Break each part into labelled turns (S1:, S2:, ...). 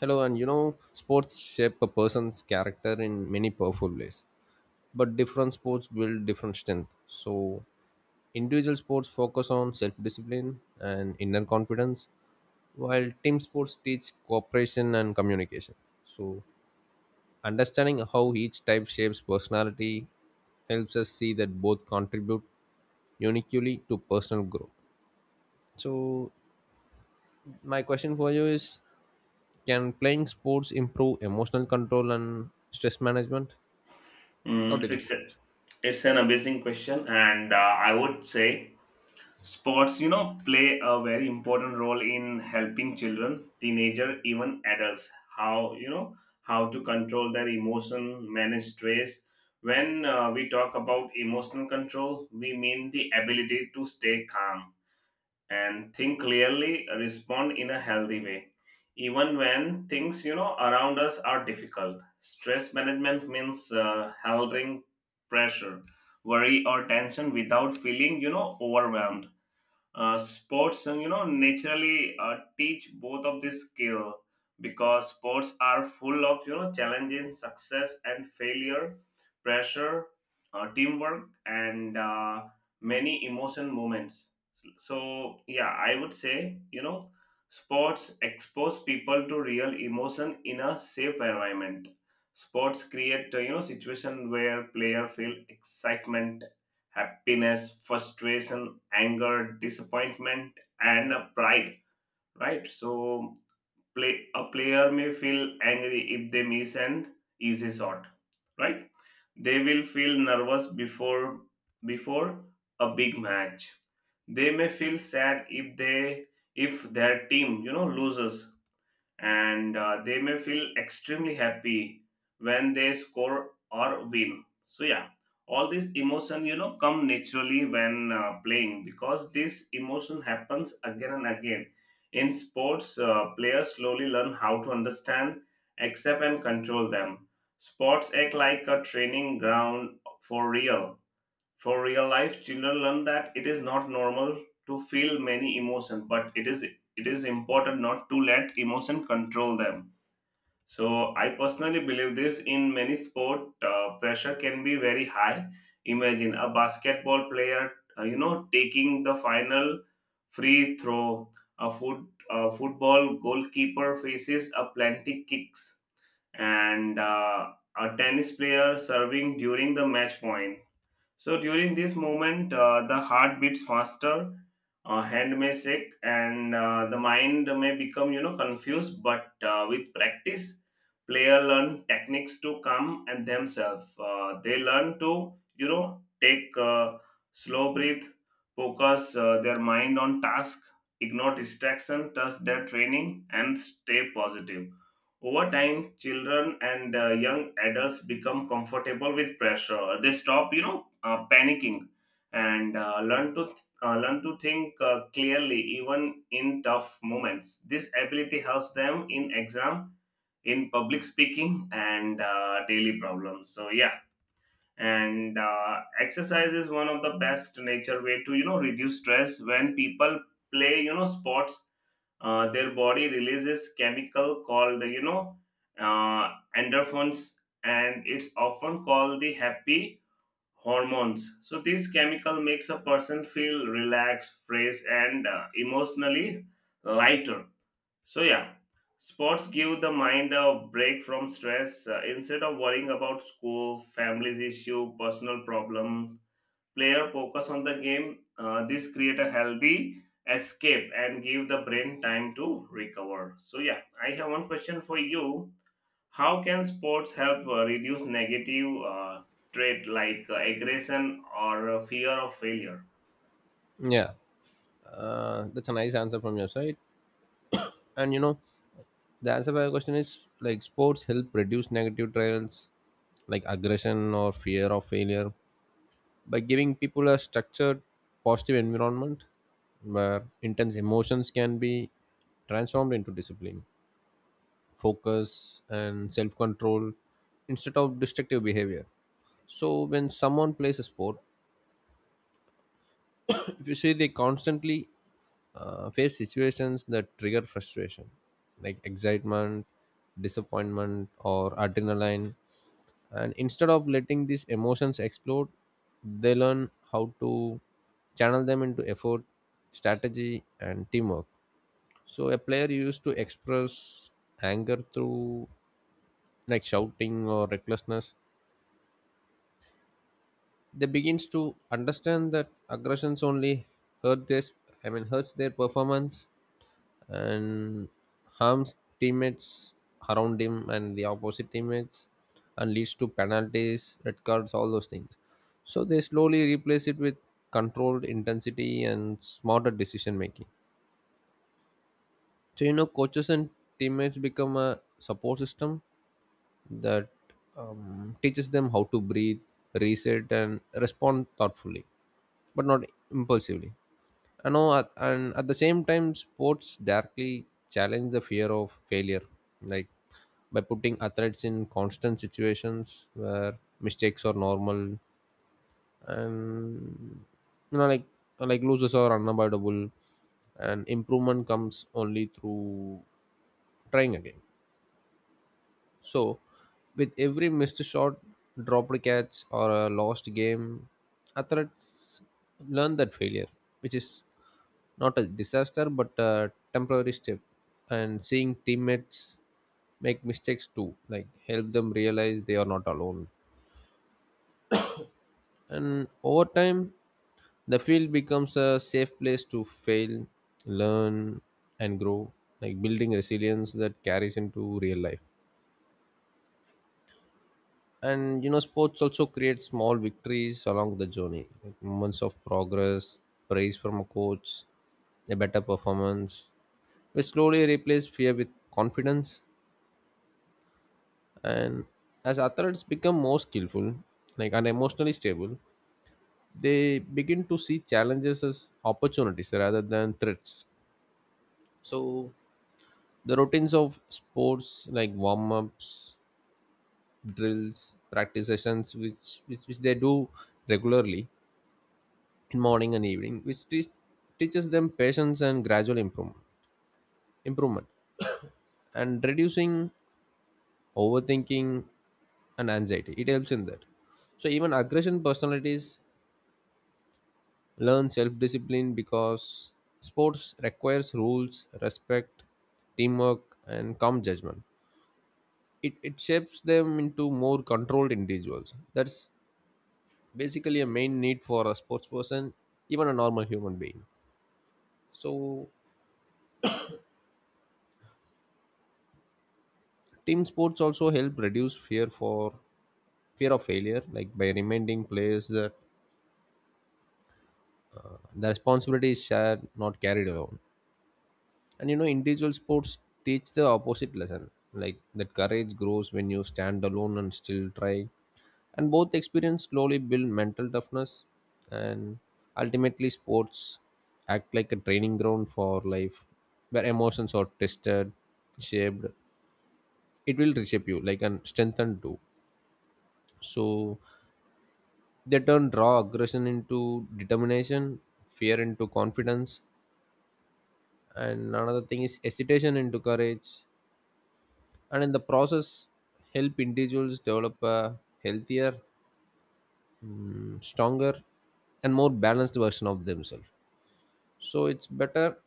S1: Hello, and sports shape a person's character in many powerful ways, but different sports build different strength. So, individual sports focus on self discipline and inner confidence, while team sports teach cooperation and communication. So, understanding how each type shapes personality helps us see that both contribute uniquely to personal growth. So, my question for you is, can playing sports improve emotional control and stress management? What do you
S2: Mm,
S1: think?
S2: it's
S1: about
S2: a,
S1: it?
S2: it's an amazing question, and I would say sports, play a very important role in helping children, teenager, even adults. How you know how to control their emotion, manage stress. When we talk about emotional control, we mean the ability to stay calm and think clearly, respond in a healthy way. Even when things around us are difficult, stress management means handling pressure, worry, or tension without feeling overwhelmed. Sports and you know naturally teach both of this skill, because sports are full of challenges, success and failure, pressure, teamwork, and many emotion moments. So I would say, sports expose people to real emotion in a safe environment. Sports create situation where player feel excitement, happiness, frustration, anger, disappointment, and pride, right? So a player may feel angry if they miss an easy shot, right? They will feel nervous before a big match. They may feel sad if their team loses, and they may feel extremely happy when they score or win. So yeah, all this emotion come naturally when playing. Because this emotion happens again and again in sports, players slowly learn how to understand, accept and control them. Sports act like a training ground for real for real life. Children learn that it is not normal to feel many emotions, but it is important not to let emotion control them. So I personally believe this. In many sport, pressure can be very high. Imagine a basketball player taking the final free throw. A foot a football goalkeeper faces a plenty kicks, and a tennis player serving during the match point. So during this moment, the heart beats faster, hand may shake, and the mind may become confused. But with practice, player learn techniques to calm and themselves. They learn to take slow breath, focus their mind on task, ignore distraction, trust their training, and stay positive. Over time, children and young adults become comfortable with pressure. They stop, panicking, and learn to think clearly even in tough moments. This ability helps them in exam, in public speaking, and daily problems. So yeah, and exercise is one of the best nature way to reduce stress. When people play sports, their body releases chemical called uh, endorphins, and it's often called the happy hormones. So this chemical makes a person feel relaxed, fresh and emotionally lighter. So yeah, sports give the mind a break from stress. Instead of worrying about school, family's issue, personal problems, player focus on the game. This create a healthy escape and give the brain time to recover. So yeah, I have one question for you. How can sports help reduce negative trait like aggression or fear of failure?
S1: Yeah, that's a nice answer from your side. And the answer by your question is, like, sports help reduce negative trails like aggression or fear of failure by giving people a structured, positive environment where intense emotions can be transformed into discipline, focus, and self control instead of destructive behavior. So when someone plays a sport, if you see, they constantly face situations that trigger frustration, like excitement, disappointment, or adrenaline. And instead of letting these emotions explode, they learn how to channel them into effort, strategy, and teamwork. So a player used to express anger through, like, shouting or recklessness, they begins to understand that aggressions only hurt this I mean hurts their performance and harms teammates around him and the opposite teammates, and leads to penalties, red cards, all those things. So they slowly replace it with controlled intensity and smarter decision making. So coaches and teammates become a support system that teaches them how to breathe, reset, and respond thoughtfully, but not impulsively. I know, at the same time, sports directly challenge the fear of failure, like by putting athletes in constant situations where mistakes are normal, and you know, like losses are unavoidable, and improvement comes only through trying again. So, with every missed shot, dropped catch, or a lost game, athletes learn that failure, which is not a disaster but a temporary step. And seeing teammates make mistakes too, like, help them realize they are not alone. And over time, the field becomes a safe place to fail, learn, and grow, like building resilience that carries into real life. And sports also create small victories along the journey, like moments of progress, praise from a coach, a better performance. We slowly replace fear with confidence, and as athletes become more skillful, like, and emotionally stable, they begin to see challenges as opportunities rather than threats. So the routines of sports, like warm ups, drills, practice sessions, which they do regularly, in morning and evening, which teaches them patience and improvement and reducing overthinking and anxiety. It helps in that. So even aggression personalities learn self-discipline, because sports requires rules, respect, teamwork, and calm judgment. It shapes them into more controlled individuals. That's basically a main need for a sports person, even a normal human being. So team sports also help reduce fear of failure, like by reminding players that the responsibility is shared, not carried alone. And individual sports teach the opposite lesson, like that courage grows when you stand alone and still try. And both experience slowly build mental toughness, and ultimately, sports act like a training ground for life, where emotions are tested, shaped. It will reshape you, like, and strengthen too. So they turn raw aggression into determination, fear into confidence, and another thing is hesitation into courage. And in the process, help individuals develop a healthier, stronger, and more balanced version of themselves. So it's better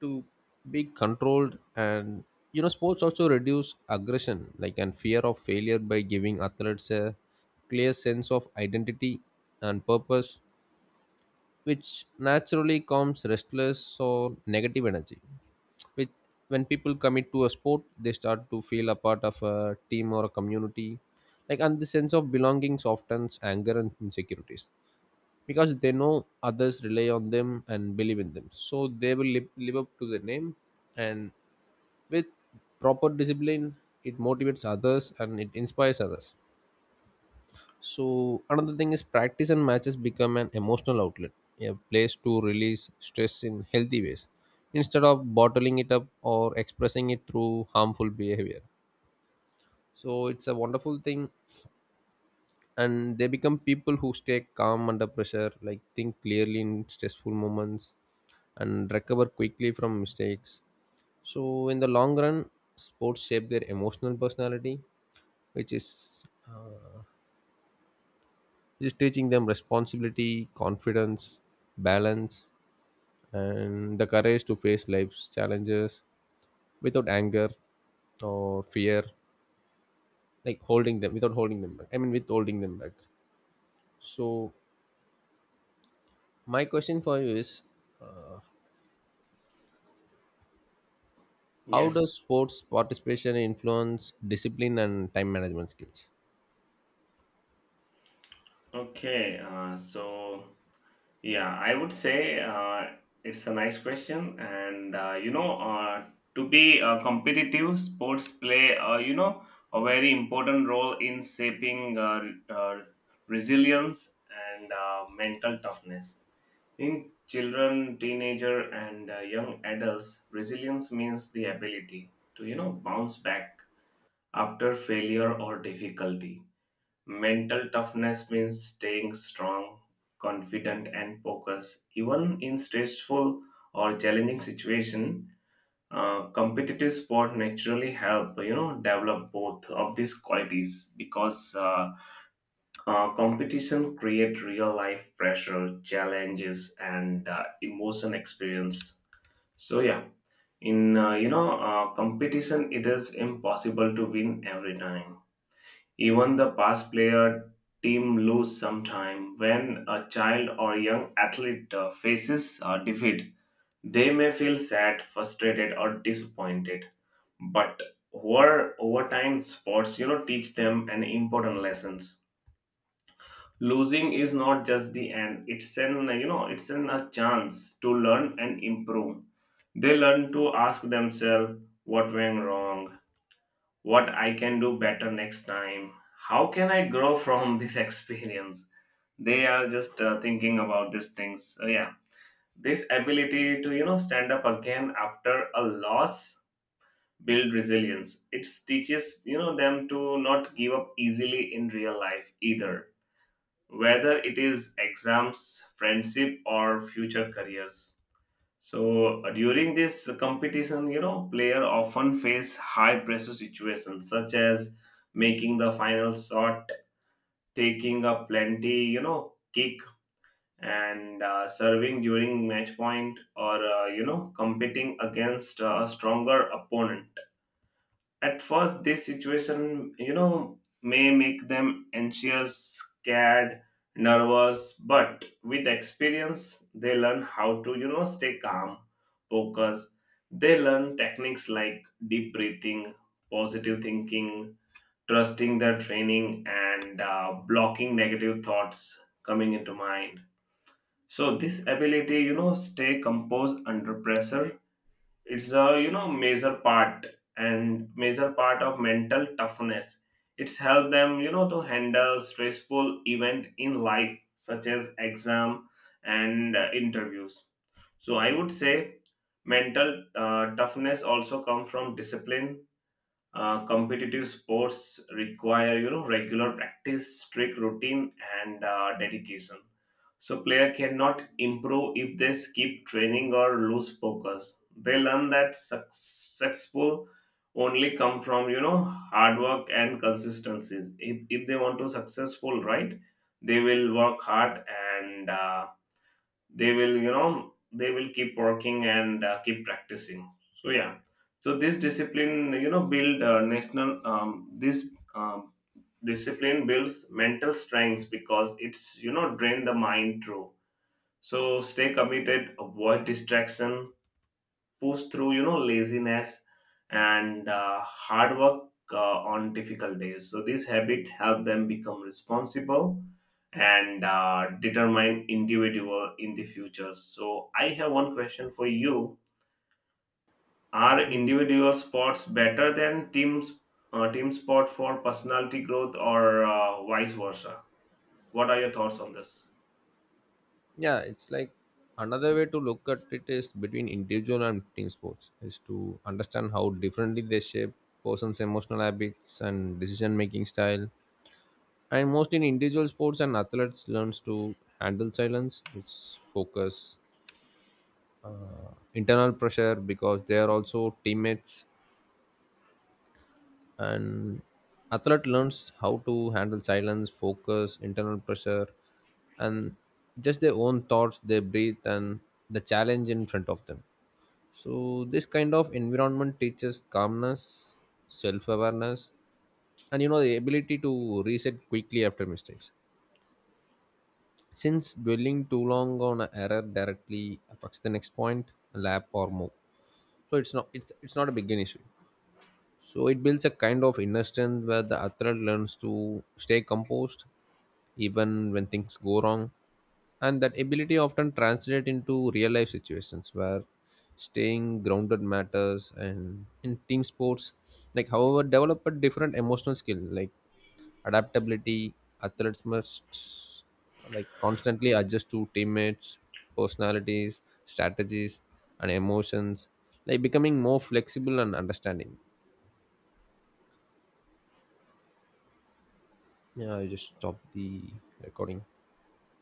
S1: to be controlled. And sports also reduce aggression, like, and fear of failure by giving athletes a clear sense of identity and purpose, which naturally calms restless or negative energy. Which, when people commit to a sport, they start to feel a part of a team or a community. Like, and the sense of belonging softens anger and insecurities because they know others rely on them and believe in them. So they will live up to their name, and with proper discipline, it motivates others and it inspires others. So another thing is, practice and matches become an emotional outlet, a place to release stress in healthy ways instead of bottling it up or expressing it through harmful behavior. So it's a wonderful thing, and they become people who stay calm under pressure, like think clearly in stressful moments and recover quickly from mistakes. So in the long run, sports shape their emotional personality, which is just teaching them responsibility, confidence, balance, and the courage to face life's challenges without anger or fear, like holding them without holding them back, I mean, withholding them back. So my question for you is, how
S2: Yes.
S1: does sports participation influence discipline and time management skills?
S2: Okay. Yeah, I would say it's a nice question, and to be competitive, sports play a very important role in shaping uh, resilience and mental toughness. In children, teenager, and young adults, resilience means the ability to bounce back after failure or difficulty. Mental toughness means staying strong, confident, and focused, even in stressful or challenging situation. Competitive sport naturally help develop both of these qualities, because competition create real life pressure, challenges, and emotion experience. So yeah, in competition, it is impossible to win every time. Even the past player team lose sometime. When a child or young athlete faces defeat, they may feel sad, frustrated, or disappointed. But over time, sports teach them an important lessons. Losing is not just the end; it's an you know it's an a chance to learn and improve. They learn to ask themselves what went wrong, what I can do better next time, how can I grow from this experience. They are just thinking about these things. So, yeah, this ability to stand up again after a loss build resilience. It teaches them to not give up easily in real life either, whether it is exams, friendship, or future careers. So during this competition, player often face high pressure situations such as making the final shot, taking a plenty, kick, and serving during match point, or competing against a stronger opponent. At first, this situation, may make them anxious, scared, nervous, but with experience, they learn how to, stay calm, focus. They learn techniques like deep breathing, positive thinking, trusting their training, and blocking negative thoughts coming into mind. So, this ability, stay composed under pressure, it's a major part of mental toughness. It's helped them to handle stressful event in life such as exam and interviews. So I would say mental toughness also comes from discipline. Competitive sports require regular practice, strict routine, and dedication. So player cannot improve if they skip training or lose focus. They learn that successful only come from hard work and consistencies. If they want to successful, right, they will work hard, and they will keep working and keep practicing. So yeah, so this discipline you know build national this um, discipline builds mental strength, because it's drain the mind through. So stay committed, avoid distraction, pushed through laziness and hard work on difficult days. So this habit helped them become responsible and determine individual in the future. So I have one question for you. Are individual sports better than team sport for personality growth, or vice versa? What are your thoughts on this?
S1: Yeah, it's like, another way to look at it is, between individual and team sports, is to understand how differently they shape person's emotional habits and decision making style. And most in individual sports and athletes learns to handle silence, which focus internal pressure, because they are also teammates. And athlete learns how to handle silence, focus, internal pressure, and just their own thoughts, they breathe and the challenge in front of them. So, this kind of environment teaches calmness, self awareness, and the ability to reset quickly after mistakes. Since dwelling too long on an error directly affects the next point, lap, or move, so it's not a big an issue. So it builds a kind of inner strength where the athlete learns to stay composed even when things go wrong. And that ability often translates into real life situations where staying grounded matters. And in team sports, like, however, develop a different emotional skill, like adaptability. Athletes must, like, constantly adjust to teammates, personalities, strategies, and emotions, like becoming more flexible and understanding. Yeah, I just stopped the recording.